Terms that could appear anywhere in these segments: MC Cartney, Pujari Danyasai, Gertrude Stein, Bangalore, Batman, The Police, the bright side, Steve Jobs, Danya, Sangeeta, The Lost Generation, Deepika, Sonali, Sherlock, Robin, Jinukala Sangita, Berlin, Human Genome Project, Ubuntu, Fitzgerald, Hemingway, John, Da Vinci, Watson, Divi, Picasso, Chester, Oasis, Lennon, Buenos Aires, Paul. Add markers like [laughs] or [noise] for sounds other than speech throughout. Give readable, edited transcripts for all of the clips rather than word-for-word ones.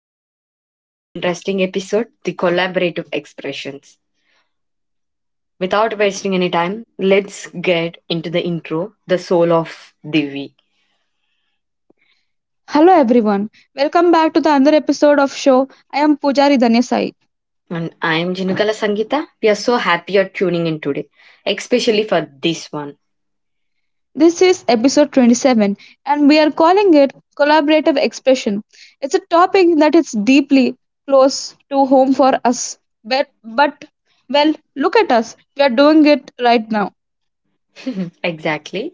back with an another interesting episode, the collaborative expressions. Without wasting any time, let's get into the intro, the soul of Divi. Hello everyone. Welcome back to the another episode of show. I am Pujari Danyasai. And I am Jinukala Sangita. We are so happy you're tuning in today, especially for this one. This is episode 27 and we are calling it collaborative expression. It's a topic that is deeply close to home for us. But well, look at us. We are doing it right now. [laughs] Exactly.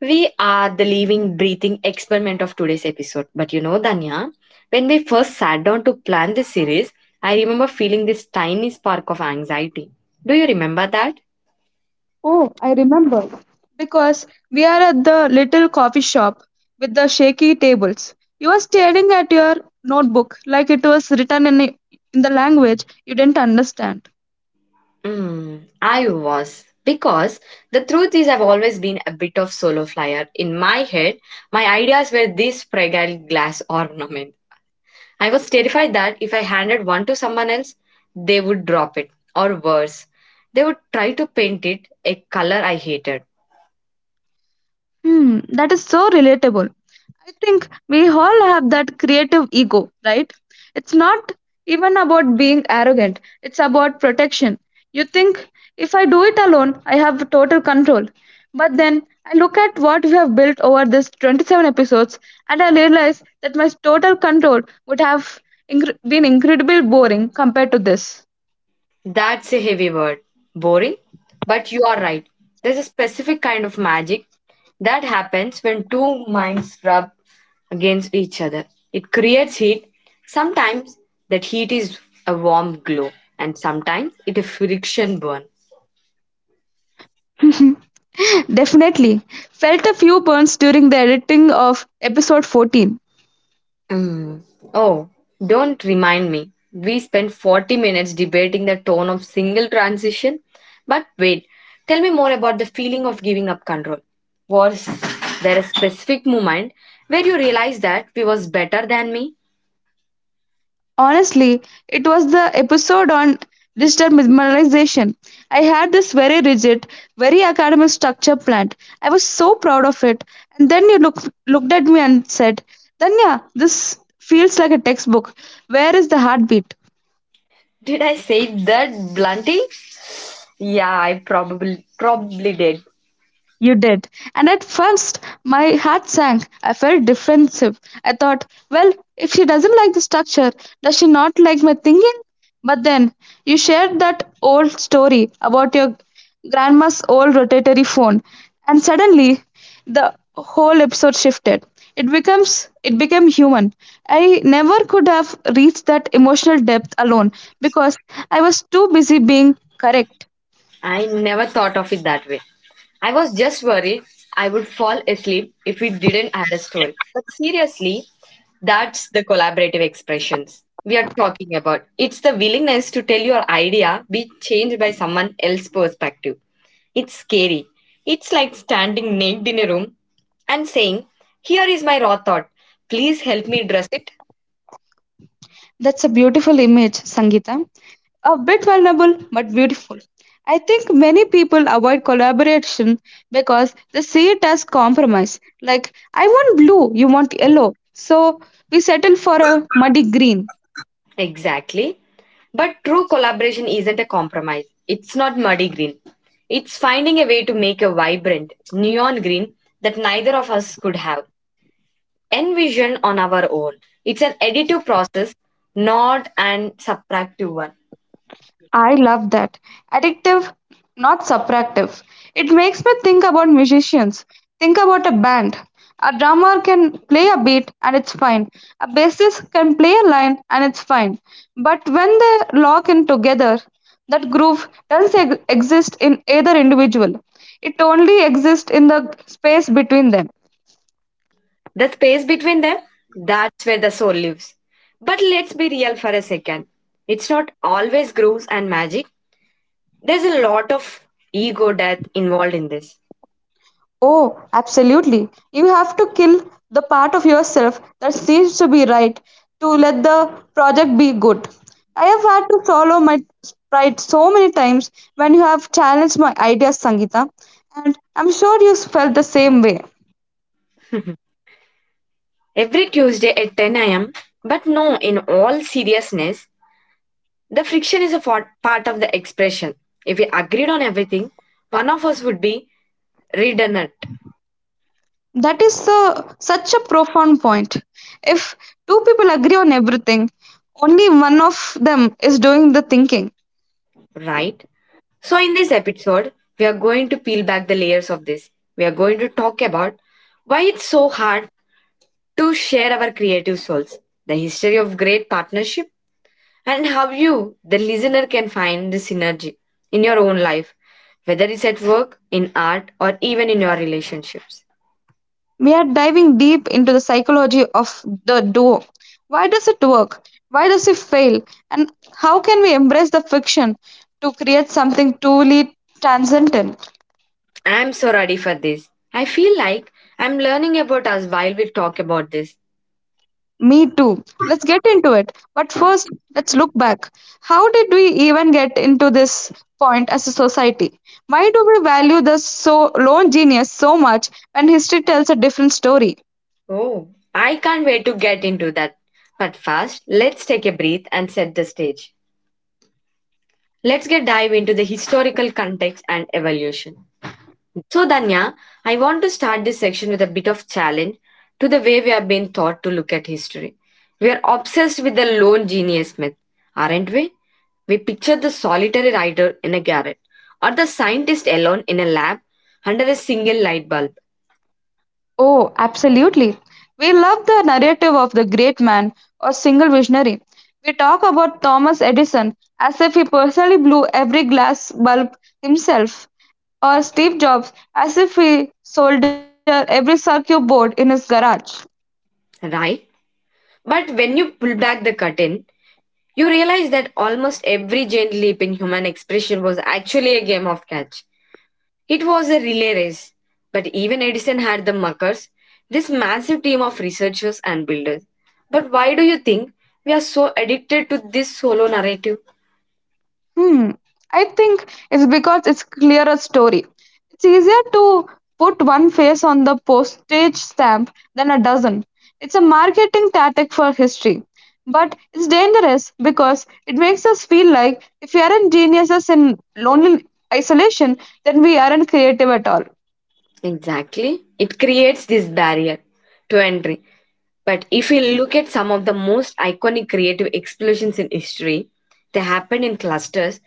We are the living, breathing experiment of today's episode. But you know, Danya, when we first sat down to plan this series, I remember feeling this tiny spark of anxiety. Do you remember that? Oh, I remember. Because we are at the little coffee shop with the shaky tables. You are staring at your notebook like it was written in the language you didn't understand. Mm, I was. Because the truth is, I've always been a bit of solo flyer. In my head, my ideas were this fragile glass ornament. I was terrified that if I handed one to someone else, they would drop it, or worse, they would try to paint it a color I hated. Hmm, that is so relatable. I think we all have that creative ego, right? It's not even about being arrogant, it's about protection. You think if I do it alone, I have total control. But then I look at what we have built over this 27 episodes and I realize that my total control would have been incredibly boring compared to this. That's a heavy word. Boring? But you are right. There's a specific kind of magic that happens when two minds rub against each other. It creates heat. Sometimes that heat is a warm glow, and sometimes it is friction burn. [laughs] Definitely. Felt a few burns during the editing of episode 14. Mm. Oh, don't remind me. We spent 40 minutes debating the tone of single transition. But wait, tell me more about the feeling of giving up control. Was there a specific moment where you realized that we was better than me? Honestly, it was the episode on digital minimalization. I had this very rigid, very academic structure planned. I was so proud of it. And then looked at me and said, "Danya, this feels like a textbook. Where is the heartbeat?" Did I say that bluntly? Yeah, I probably did. You did. And at first, my heart sank. I felt defensive. I thought, well, if she doesn't like the structure, does she not like my thinking? But then you shared that old story about your grandma's old rotatory phone, and suddenly the whole episode shifted. It becomes it became human. I never could have reached that emotional depth alone because I was too busy being correct. I never thought of it that way. I was just worried I would fall asleep if we didn't add a story. But seriously, that's the collaborative expressions we are talking about. It's the willingness to tell your idea be changed by someone else's perspective. It's scary. It's like standing naked in a room and saying, "Here is my raw thought. Please help me dress it." That's a beautiful image, Sangeeta. A bit vulnerable but beautiful. I think many people avoid collaboration because they see it as compromise. Like, I want blue, you want yellow. So we settle for a muddy green. Exactly. But true collaboration isn't a compromise. It's not muddy green. It's finding a way to make a vibrant, neon green that neither of us could have envisioned on our own. It's an additive process, not an subtractive one. I love that. Addictive, not subtractive. It makes me think about musicians. Think about a band. A drummer can play a beat and it's fine. A bassist can play a line and it's fine. But when they lock in together, that groove doesn't ex- exist in either individual. It only exists in the space between them. The space between them, that's where the soul lives. But let's be real for a second. It's not always grooves and magic. There's a lot of ego death involved in this. Oh, absolutely. You have to kill the part of yourself that seems to be right to let the project be good. I have had to swallow my pride so many times when you have challenged my ideas, Sangeeta, and I'm sure you felt the same way. Every Tuesday at 10 am. But no, in all seriousness, the friction is a part of the expression. If we agreed on everything, one of us would be redundant, That is such a profound point. If two people agree on everything, only one of them is doing the thinking. right? So, in this episode, we are going to peel back the layers of this. We are going to talk about why it's so hard to share our creative souls, the history of great partnership, and how you, the listener, can find the synergy in your own life, whether it's at work, in art, or even in your relationships. We are diving deep into the psychology of the duo. Why does it work? Why does it fail? And how can we embrace the fiction to create something truly transcendent? I'm so ready for this. I feel like I'm learning about us while we talk about this. Me too. Let's get into it. But first, let's look back. How did we even get into this point as a society? Why do we value the so lone genius so much when history tells a different story? Oh, I can't wait to get into that. But first, let's take a breath and set the stage. Let's get dive into the historical context and evolution. So, Danya, I want to start this section with a bit of challenge to the way we have been taught to look at history. We are obsessed with the lone genius myth, aren't we? We picture the solitary writer in a garret or the scientist alone in a lab under a single light bulb, Oh, absolutely. We love the narrative of the great man or single visionary. We talk about Thomas Edison as if he personally blew every glass bulb himself, or Steve Jobs as if he soldered every circuit board in his garage. right? But when you pull back the curtain, you realize that almost every giant leap in human expression was actually a game of catch. It was a relay race, but even Edison had the muckers, this massive team of researchers and builders. But why do you think we are so addicted to this solo narrative? Hmm. I think it's because it's clearer story. It's easier to put one face on the postage stamp than a dozen. It's a marketing tactic for history. But it's dangerous because it makes us feel like if we aren't geniuses in lonely isolation, then we aren't creative at all. Exactly. It creates this barrier to entry. But if you look at some of the most iconic creative explosions in history, they happened in clusters.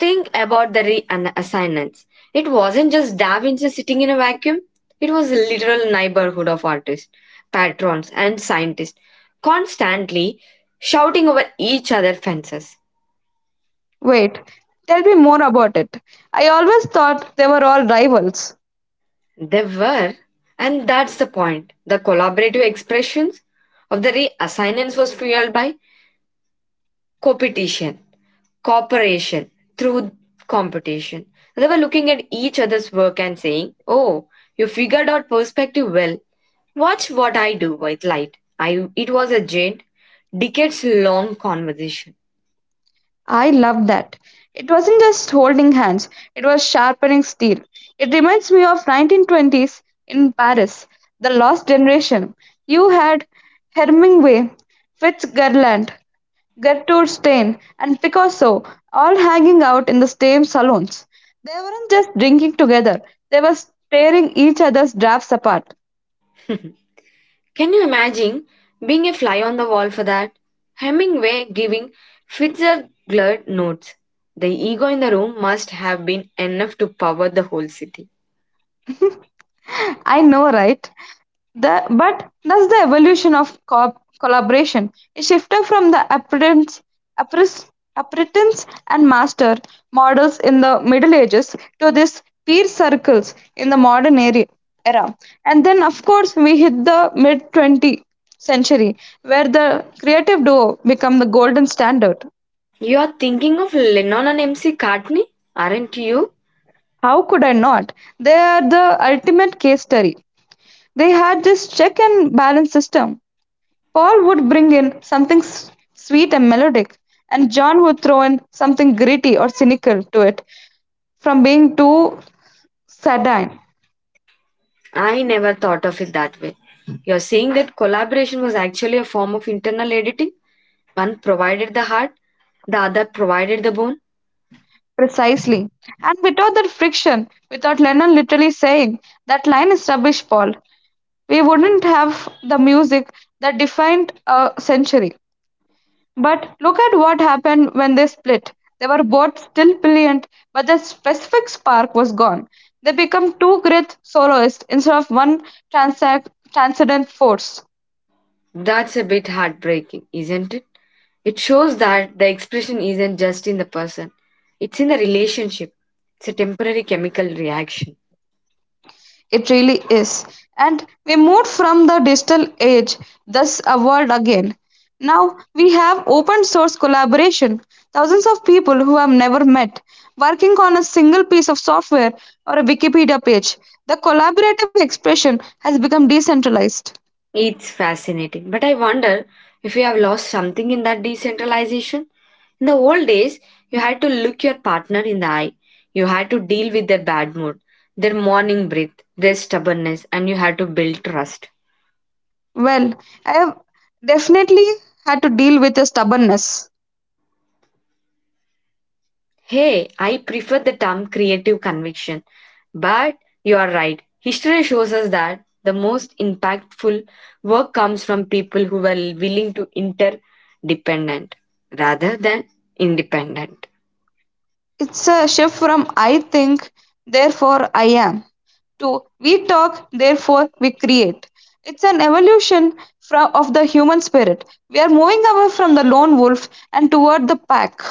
Think about the reassignments. It wasn't just Da Vinci sitting in a vacuum, it was a literal neighborhood of artists, patrons, and scientists, constantly shouting over each other's fences. Wait, tell me more about it. I always thought they were all rivals. They were, and that's the point, the collaborative expressions of the reassignments was fueled by competition. Cooperation through competition. So they were looking at each other's work and saying, "Oh, you figured out perspective well. Watch what I do with light." It was a giant, decades long conversation. I love that. It wasn't just holding hands, it was sharpening steel. It reminds me of 1920s in Paris, The Lost Generation. You had Hemingway, Fitzgerald, Gertrude Stein, and Picasso all hanging out in the same salons. They weren't just drinking together, they were tearing each other's drafts apart. [laughs] Can you imagine being a fly on the wall for that? Hemingway giving Fitzgerald notes. The ego in the room must have been enough to power the whole city. I know, right? But that's the evolution of collaboration. It shifted from the apprentice, apprentice and master models in the Middle Ages to this peer circles in the modern era. And then, of course, we hit the mid 20th century where the creative duo become the golden standard. You are thinking of Lennon and MC Cartney, aren't you? How could I not? They are the ultimate case study. They had this check and balance system. Paul would bring in something sweet and melodic, and John would throw in something gritty or cynical to it from being too sadine. I never thought of it that way. You're saying that collaboration was actually a form of internal editing? One provided the heart, the other provided the bone? Precisely. And without that friction, without Lennon literally saying, "That line is rubbish, Paul," we wouldn't have the music that defined a century. But look at what happened when they split. They were both still brilliant, but the specific spark was gone. They became two great soloists instead of one transac- transcendent force. That's a bit heartbreaking, isn't it? It shows that the expression isn't just in the person, it's in the relationship. It's a temporary chemical reaction. It really is. And we moved from the digital age, thus a world again. Now we have open source collaboration. Thousands of people who have never met working on a single piece of software or a Wikipedia page. The collaborative expression has become decentralized. It's fascinating, but I wonder if you have lost something in that decentralization. In the old days, you had to look your partner in the eye. You had to deal with their bad mood, their morning breath, their stubbornness, and you had to build trust. Well, I have definitely had to deal with a stubbornness. Hey, I prefer the term creative conviction, but you are right. History shows us that the most impactful work comes from people who were willing to interdependent rather than independent. It's a shift from "I think, therefore I am," to "we talk, therefore we create." It's an evolution of the human spirit. We are moving away from the lone wolf and toward the pack,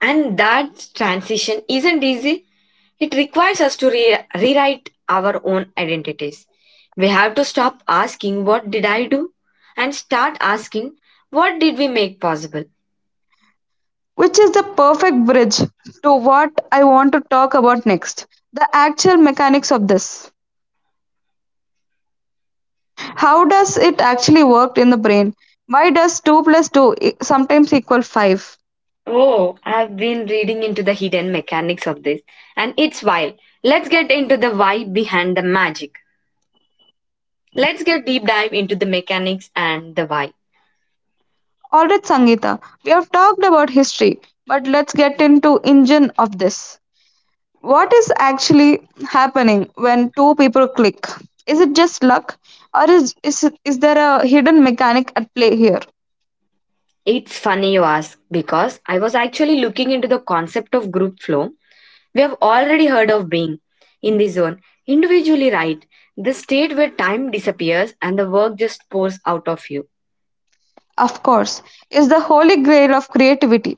And that transition isn't easy. It requires us to rewrite our own identities. We have to stop asking, "What did I do?" and start asking, "What did we make possible?" which is the perfect bridge to what I want to talk about next: the actual mechanics of this. How does it actually work in the brain? Why does 2 plus 2 sometimes equal 5? Oh, I've been reading into the hidden mechanics of this, and it's wild. Let's get into the why behind the magic. Let's get deep dive into the mechanics and the why. All right, Sangeeta, we have talked about history, but let's get into engine of this. What is actually happening when two people click? Is it just luck, or is there a hidden mechanic at play here? It's funny you ask because I was actually looking into the concept of group flow. We have already heard of being in the zone, individually, right? The state where time disappears and the work just pours out of you, Of course, is the holy grail of creativity.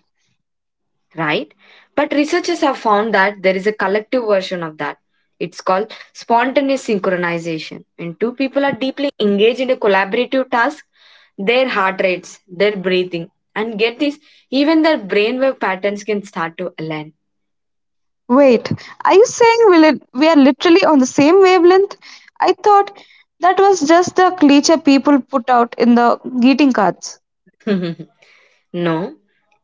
right? But researchers have found that there is a collective version of that. It's called spontaneous synchronization. When two people are deeply engaged in a collaborative task, their heart rates, their breathing, and get this, even their brainwave patterns can start to align. Wait, are you saying we are literally on the same wavelength? I thought that was just the cliche people put out in the greeting cards. [laughs] No,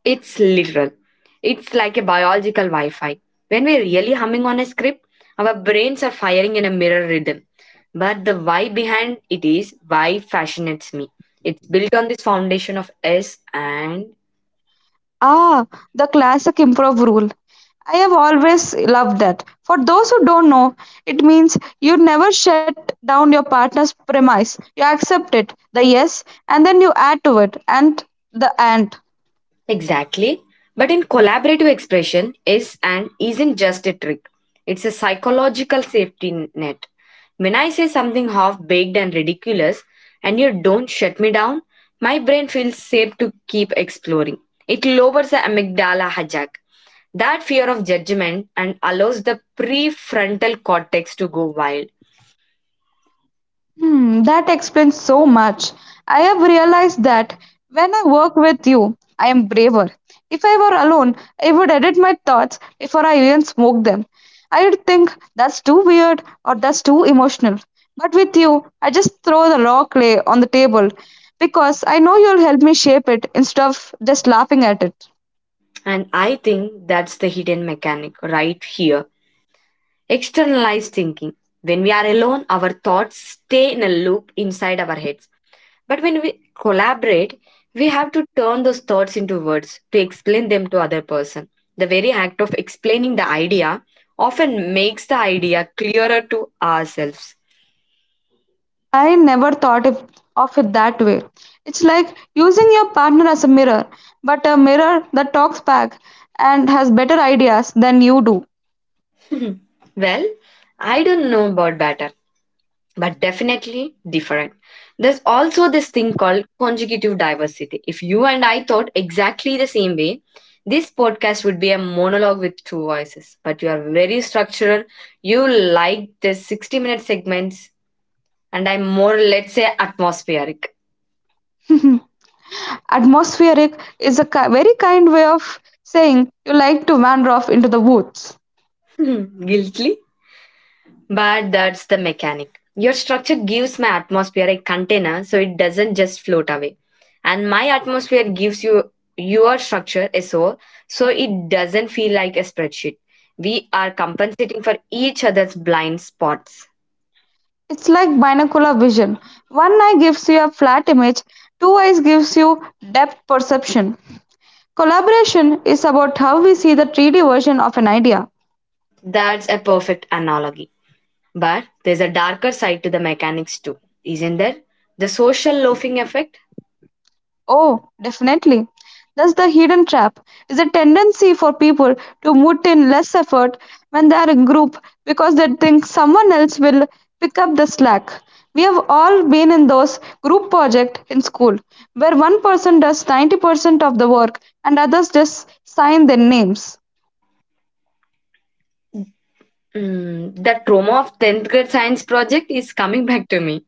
it's literal. It's like a biological Wi Fi. When we're really humming on a script, our brains are firing in a mirror rhythm. But the why behind it is why fascinates me. It's built on this foundation of S and. Ah, the classic improv rule. I have always loved that. For those who don't know, it means you never shut down your partner's premise. You accept it, the yes, and then you add to it, and the and. Exactly. But in collaborative expression is and isn't just a trick. It's a psychological safety net. When I say something half baked and ridiculous and you don't shut me down, my brain feels safe to keep exploring. It lowers the amygdala hijack, that fear of judgment, and allows the prefrontal cortex to go wild. Hmm, that explains so much. I have realized that when I work with you, I am braver. If I were alone, I would edit my thoughts before I even smoke them. I would think that's too weird or that's too emotional. But with you, I just throw the raw clay on the table because I know you'll help me shape it instead of just laughing at it. And I think that's the hidden mechanic right here. Externalized thinking. When we are alone, our thoughts stay in a loop inside our heads. But when we collaborate, we have to turn those thoughts into words to explain them to other person. The very act of explaining the idea often makes the idea clearer to ourselves. I never thought of it that way. It's like using your partner as a mirror, but a mirror that talks back and has better ideas than you do. [laughs] Well, I don't know about better, but definitely different. There's also this thing called conjugative diversity. If you and I thought exactly the same way, this podcast would be a monologue with two voices. But you are very structural. You like the 60-minute segments, and I'm more, let's say, atmospheric. [laughs] Atmospheric is a very kind way of saying you like to wander off into the woods. [laughs] Guilty? But that's the mechanic. Your structure gives my atmosphere a container so it doesn't just float away. And my atmosphere gives you your structure a soul so it doesn't feel like a spreadsheet. We are compensating for each other's blind spots. It's like binocular vision. One eye gives you a flat image, two eyes gives you depth perception. Collaboration is about how we see the 3D version of an idea. That's a perfect analogy. But there's a darker side to the mechanics too, isn't there? The social loafing effect? Oh, definitely. That's the hidden trap. Is a tendency for people to put in less effort when they are in group because they think someone else will pick up the slack. We have all been in those group project in school where one person does 90% of the work and others just sign their names. Mm, the trauma of 10th grade science project is coming back to me.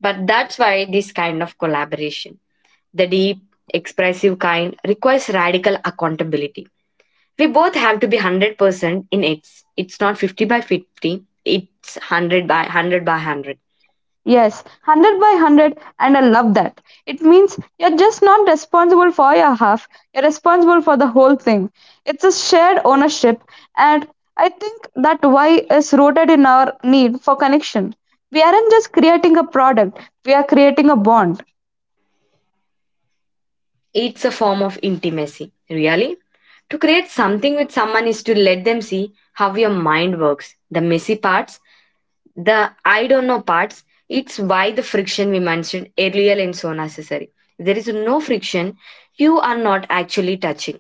But that's why this kind of collaboration, the deep, expressive kind, requires radical accountability. We both have to be 100% in its. It's not 50 by 50, it's 100 by 100 by 100. Yes, 100 by 100, and I love that. It means you're just not responsible for your half, you're responsible for the whole thing. It's a shared ownership, and I think that why is rooted in our need for connection. We aren't just creating a product, we are creating a bond. It's a form of intimacy, really. To create something with someone is to let them see how your mind works, the messy parts, the I don't know parts. It's why the friction we mentioned earlier is so necessary. If there is no friction, you are not actually touching.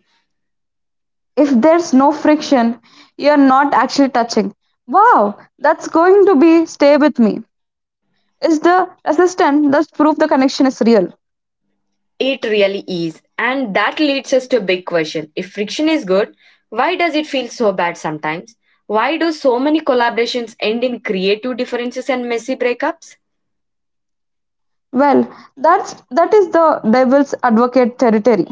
If there's no friction, you're not actually touching. Wow, that's going to be stay with me. Is the resistance that proof the connection is real? It really is. And that leads us to a big question. If friction is good, why does it feel so bad sometimes? Why do so many collaborations end in creative differences and messy breakups? Well, that is the devil's advocate territory.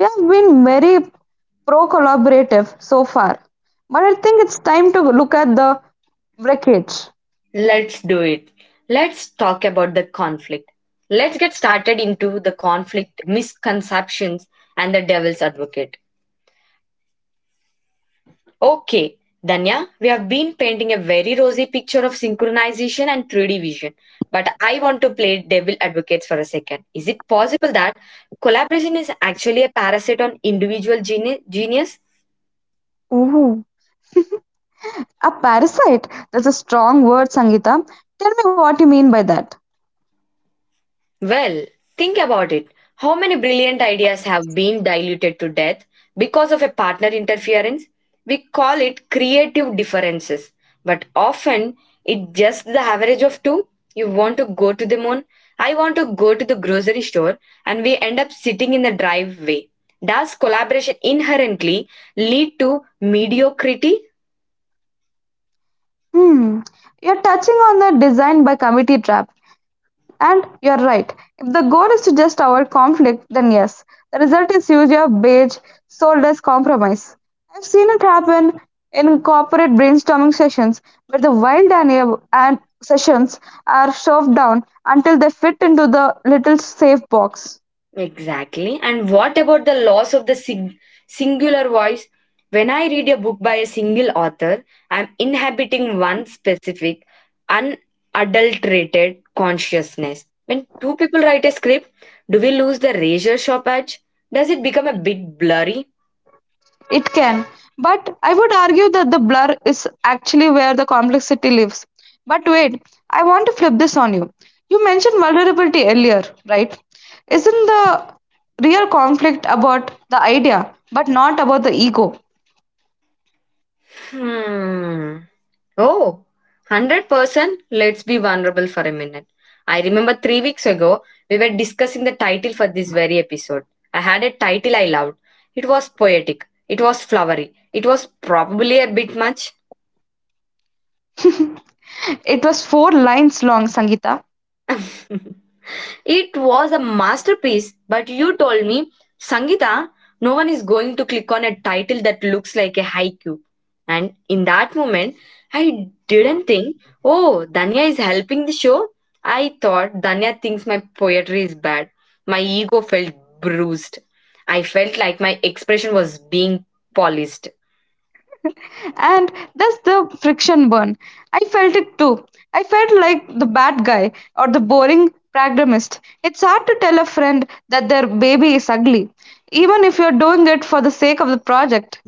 We have been very pro-collaborative so far, but I think it's time to look at the wreckage. Let's do it. Let's talk about the conflict. Let's get started into the conflict, misconceptions, and the devil's advocate. Okay, Danya, we have been painting a very rosy picture of synchronization and 3D vision, but I want to play devil advocates for a second. Is it possible that collaboration is actually a parasite on individual genius? Ooh, a parasite. That's a strong word, Sangita. Tell me what you mean by that. Well, think about it. How many brilliant ideas have been diluted to death because of a partner interference? We call it creative differences, but often it's just the average of two. You want to go to the moon, I want to go to the grocery store, and we end up sitting in the driveway. Does collaboration inherently lead to mediocrity? Hmm, you're touching on the design by committee trap. And you're right. If the goal is to just avoid conflict, then yes, the result is usually a beige, soulless compromise. I've seen it happen in corporate brainstorming sessions where the wild idea and sessions are shoved down until they fit into the little safe box. Exactly. And what about the loss of the singular voice? When I read a book by a single author, I'm inhabiting one specific, unadulterated consciousness. When two people write a script, do we lose the razor sharp edge? Does it become a bit blurry? It can, but I would argue that the blur is actually where the complexity lives. But wait, I want to flip this on you. You mentioned vulnerability earlier, right? Isn't the real conflict about the idea, but not about the ego? Hmm. Oh, 100%. Let's be vulnerable for a minute. I remember three weeks ago, we were discussing the title for this very episode. I had a title I loved. It was poetic, it was flowery, it was probably a bit much. [laughs] It was four lines long, Sangeeta. [laughs] It was a masterpiece, but you told me, Sangita, no one is going to click on a title that looks like a haiku. And in that moment, I didn't think, oh, Danya is helping the show. I thought Danya thinks my poetry is bad. My ego felt bruised. I felt like my expression was being polished. And that's the friction burn. I felt it too. I felt like the bad guy or the boring pragmatist. It's hard to tell a friend that their baby is ugly, even if you're doing it for the sake of the project.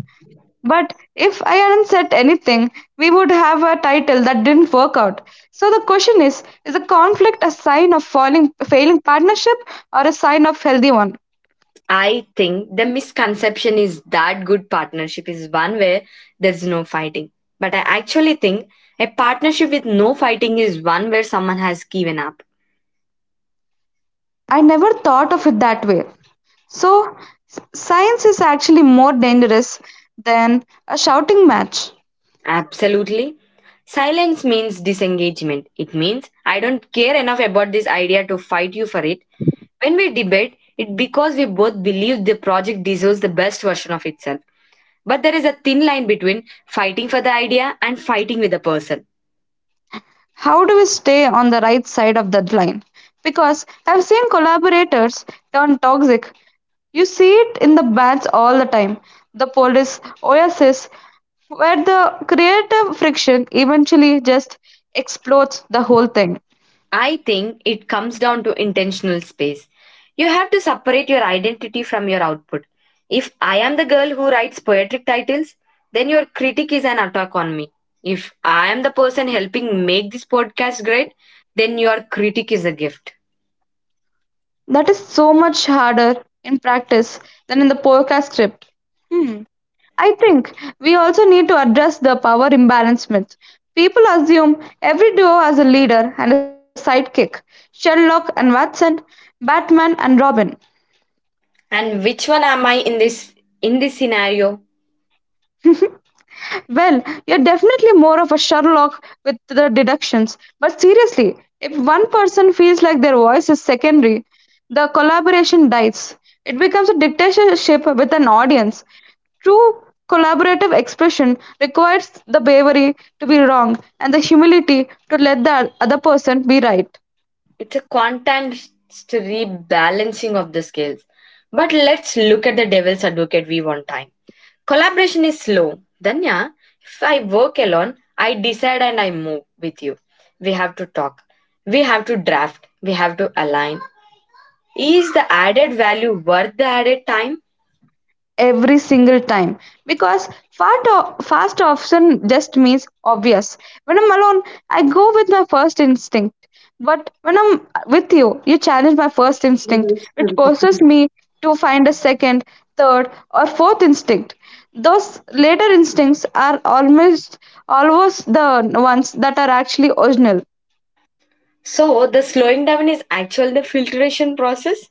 But if I hadn't said anything, we would have a title that didn't work out. So the question is a conflict a sign of failing partnership or a sign of healthy one? I think the misconception is that good partnership is one where there's no fighting. But I actually think a partnership with no fighting is one where someone has given up. I never thought of it that way. So, Science is actually more dangerous than a shouting match. Absolutely. Silence means disengagement. It means I don't care enough about this idea to fight you for it. When we debate, it because we both believe the project deserves the best version of itself. But there is a thin line between fighting for the idea and fighting with the person. How do we stay on the right side of that line? Because I've seen collaborators turn toxic. You see it in the bands all the time. The Police, Oasis, where the creative friction eventually just explodes the whole thing. I think it comes down to intentional space. You have to separate your identity from your output. If I am the girl who writes poetic titles, then your critic is an attack on me. If I am the person helping make this podcast great, then your critic is a gift. That is so much harder in practice than in the podcast script. Hmm. I think we also need to address the power imbalance myth. People assume every duo has a leader and a sidekick, Sherlock and Watson, Batman and Robin. And which one am I in this scenario? Well, you're definitely more of a Sherlock with the deductions. But seriously, if one person feels like their voice is secondary, the collaboration dies. It becomes a dictatorship with an audience. True collaborative expression requires the bravery to be wrong and the humility to let the other person be right. It's a constant rebalancing of the scales. But let's look at the devil's advocate we want time. Collaboration is slow. Danya, if I work alone, I decide and I move with you. We have to talk. We have to draft. We have to align. Is the added value worth the added time? Every single time, because fast option just means obvious. When I'm alone, I go with my first instinct, but when I'm with you challenge my first instinct, which forces me to find a second, third, or fourth instinct. Those later instincts are almost always the ones that are actually original. So the slowing down is actually the filtration process.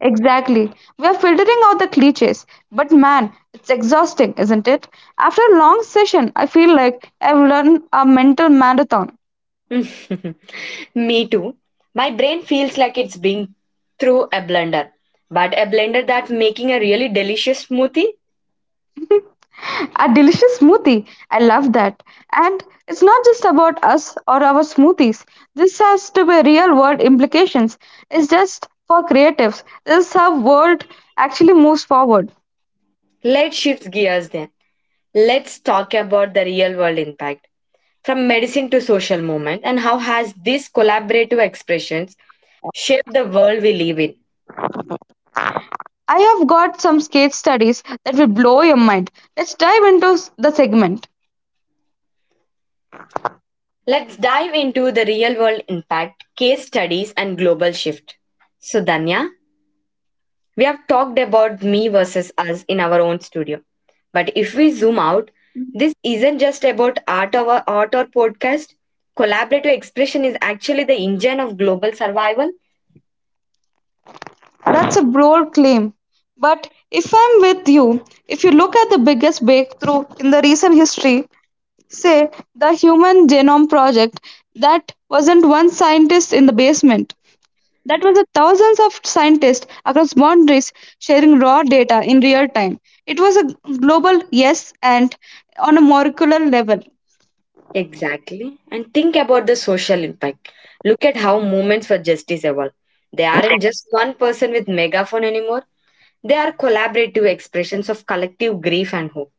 Exactly. We are filtering out the cliches. But man, it's exhausting, isn't it? After a long session, I feel like I've run a mental marathon. [laughs] Me too. My brain feels like it's being through a blender, but a blender that's making a really delicious smoothie. A delicious smoothie. I love that. And it's not just about us or our smoothies. This has to be real world implications. It's just for creatives. This is how world actually moves forward. Let's shift gears then. Let's talk about the real world impact from medicine to social movement and how has these collaborative expressions shaped the world we live in. I have got some case studies that will blow your mind. Let's dive into s- the segment. Let's dive into the real world impact case studies and global shift. So Danya, we have talked about me versus us in our own studio, but if we zoom out, this isn't just about art or podcast. Collaborative expression is actually the engine of global survival. That's a bold claim. But if I'm with you, if you look at the biggest breakthrough in the recent history, say the Human Genome Project, that wasn't one scientist in the basement. That was a thousands of scientists across boundaries sharing raw data in real time. It was a global yes and on a molecular level. Exactly. And think about the social impact. Look at how movements for justice evolve. They aren't just one person with megaphone anymore. They are collaborative expressions of collective grief and hope.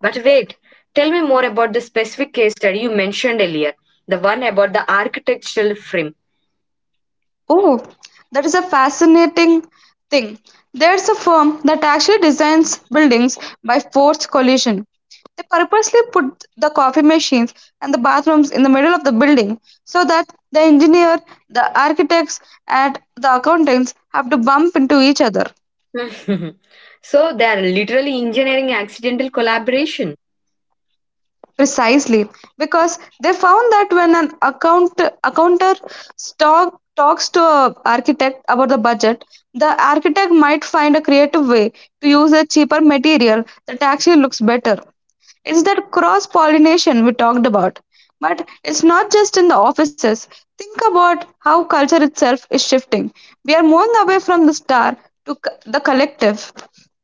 But wait, tell me more about the specific case study you mentioned earlier, the one about the architectural frame. Oh, that is a fascinating thing. There's a firm that actually designs buildings by forced collision. They purposely put the coffee machines and the bathrooms in the middle of the building so that the engineer, the architects, and the accountants have to bump into each other. [laughs] So they are literally engineering accidental collaboration. Precisely, because they found that when an accounter stock, talks to an architect about the budget, the architect might find a creative way to use a cheaper material that actually looks better. It's that cross pollination we talked about. But it's not just in the offices. Think about how culture itself is shifting. We are moving away from the star to c- the collective.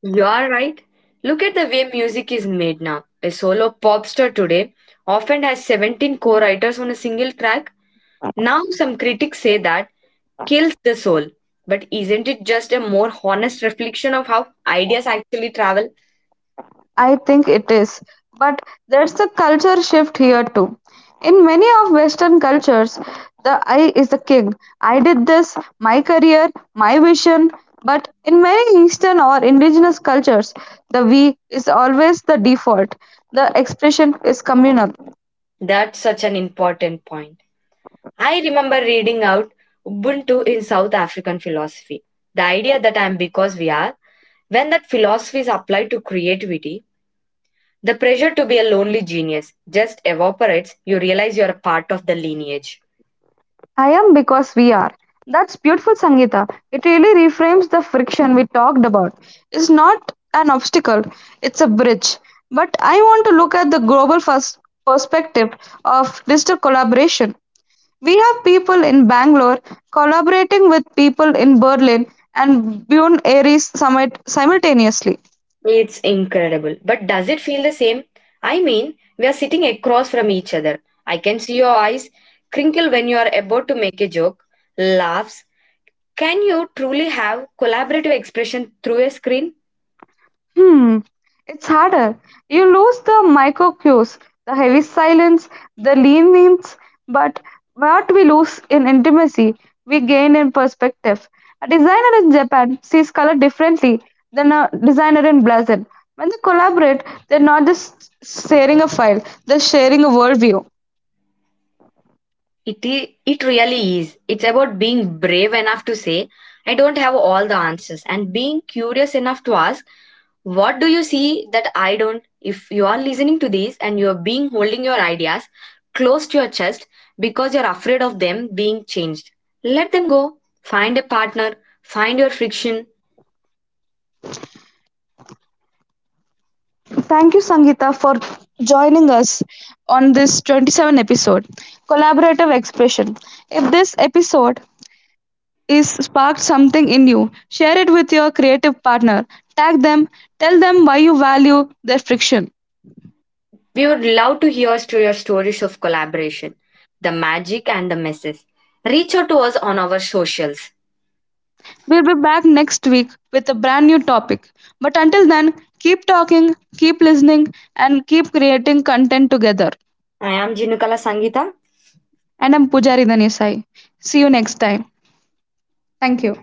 You are right. Look at the way music is made now. A solo pop star today often has 17 co writers on a single track. Now, some critics say that kills the soul. But isn't it just a more honest reflection of how ideas actually travel? I think it is. But there's a culture shift here too. In many of Western cultures, the I is the king. I did this, my career, my vision. But in many Eastern or indigenous cultures, the we is always the default. The expression is communal. That's such an important point. I remember reading out Ubuntu in South African philosophy. The idea that I am because we are, when that philosophy is applied to creativity, the pressure to be a lonely genius just evaporates. You realize you're a part of the lineage. I am because we are. That's beautiful, Sangeeta. It really reframes the friction we talked about. It's not an obstacle, it's a bridge. But I want to look at the global first perspective of digital collaboration. We have people in Bangalore collaborating with people in Berlin and Buenos Aires summit simultaneously. It's incredible. But does it feel the same? I mean, we are sitting across from each other. I can see your eyes crinkle when you are about to make a joke, laughs. Can you truly have collaborative expression through a screen? Hmm, it's harder. You lose the micro cues, the heavy silence, the leanings, but what we lose in intimacy, we gain in perspective. A designer in Japan sees color differently than a designer in Brazil. When they collaborate, they're not just sharing a file, they're sharing a worldview. It is, it really is. It's about being brave enough to say, I don't have all the answers, and being curious enough to ask, what do you see that I don't? If you are listening to this and you are being holding your ideas close to your chest because you're afraid of them being changed, let them go. Find a partner, find your friction. Thank you, Sangeeta, for joining us on this 27th episode. Collaborative expression. If this episode is sparked something in you, share it with your creative partner. Tag them, tell them why you value their friction. We would love to hear to your stories of collaboration, the magic and the messes. Reach out to us on our socials. We'll be back next week with a brand new topic. But until then, keep talking, keep listening, and keep creating content together. I am Jinukala Sangita. And I'm Pujari Danesai. See you next time. Thank you.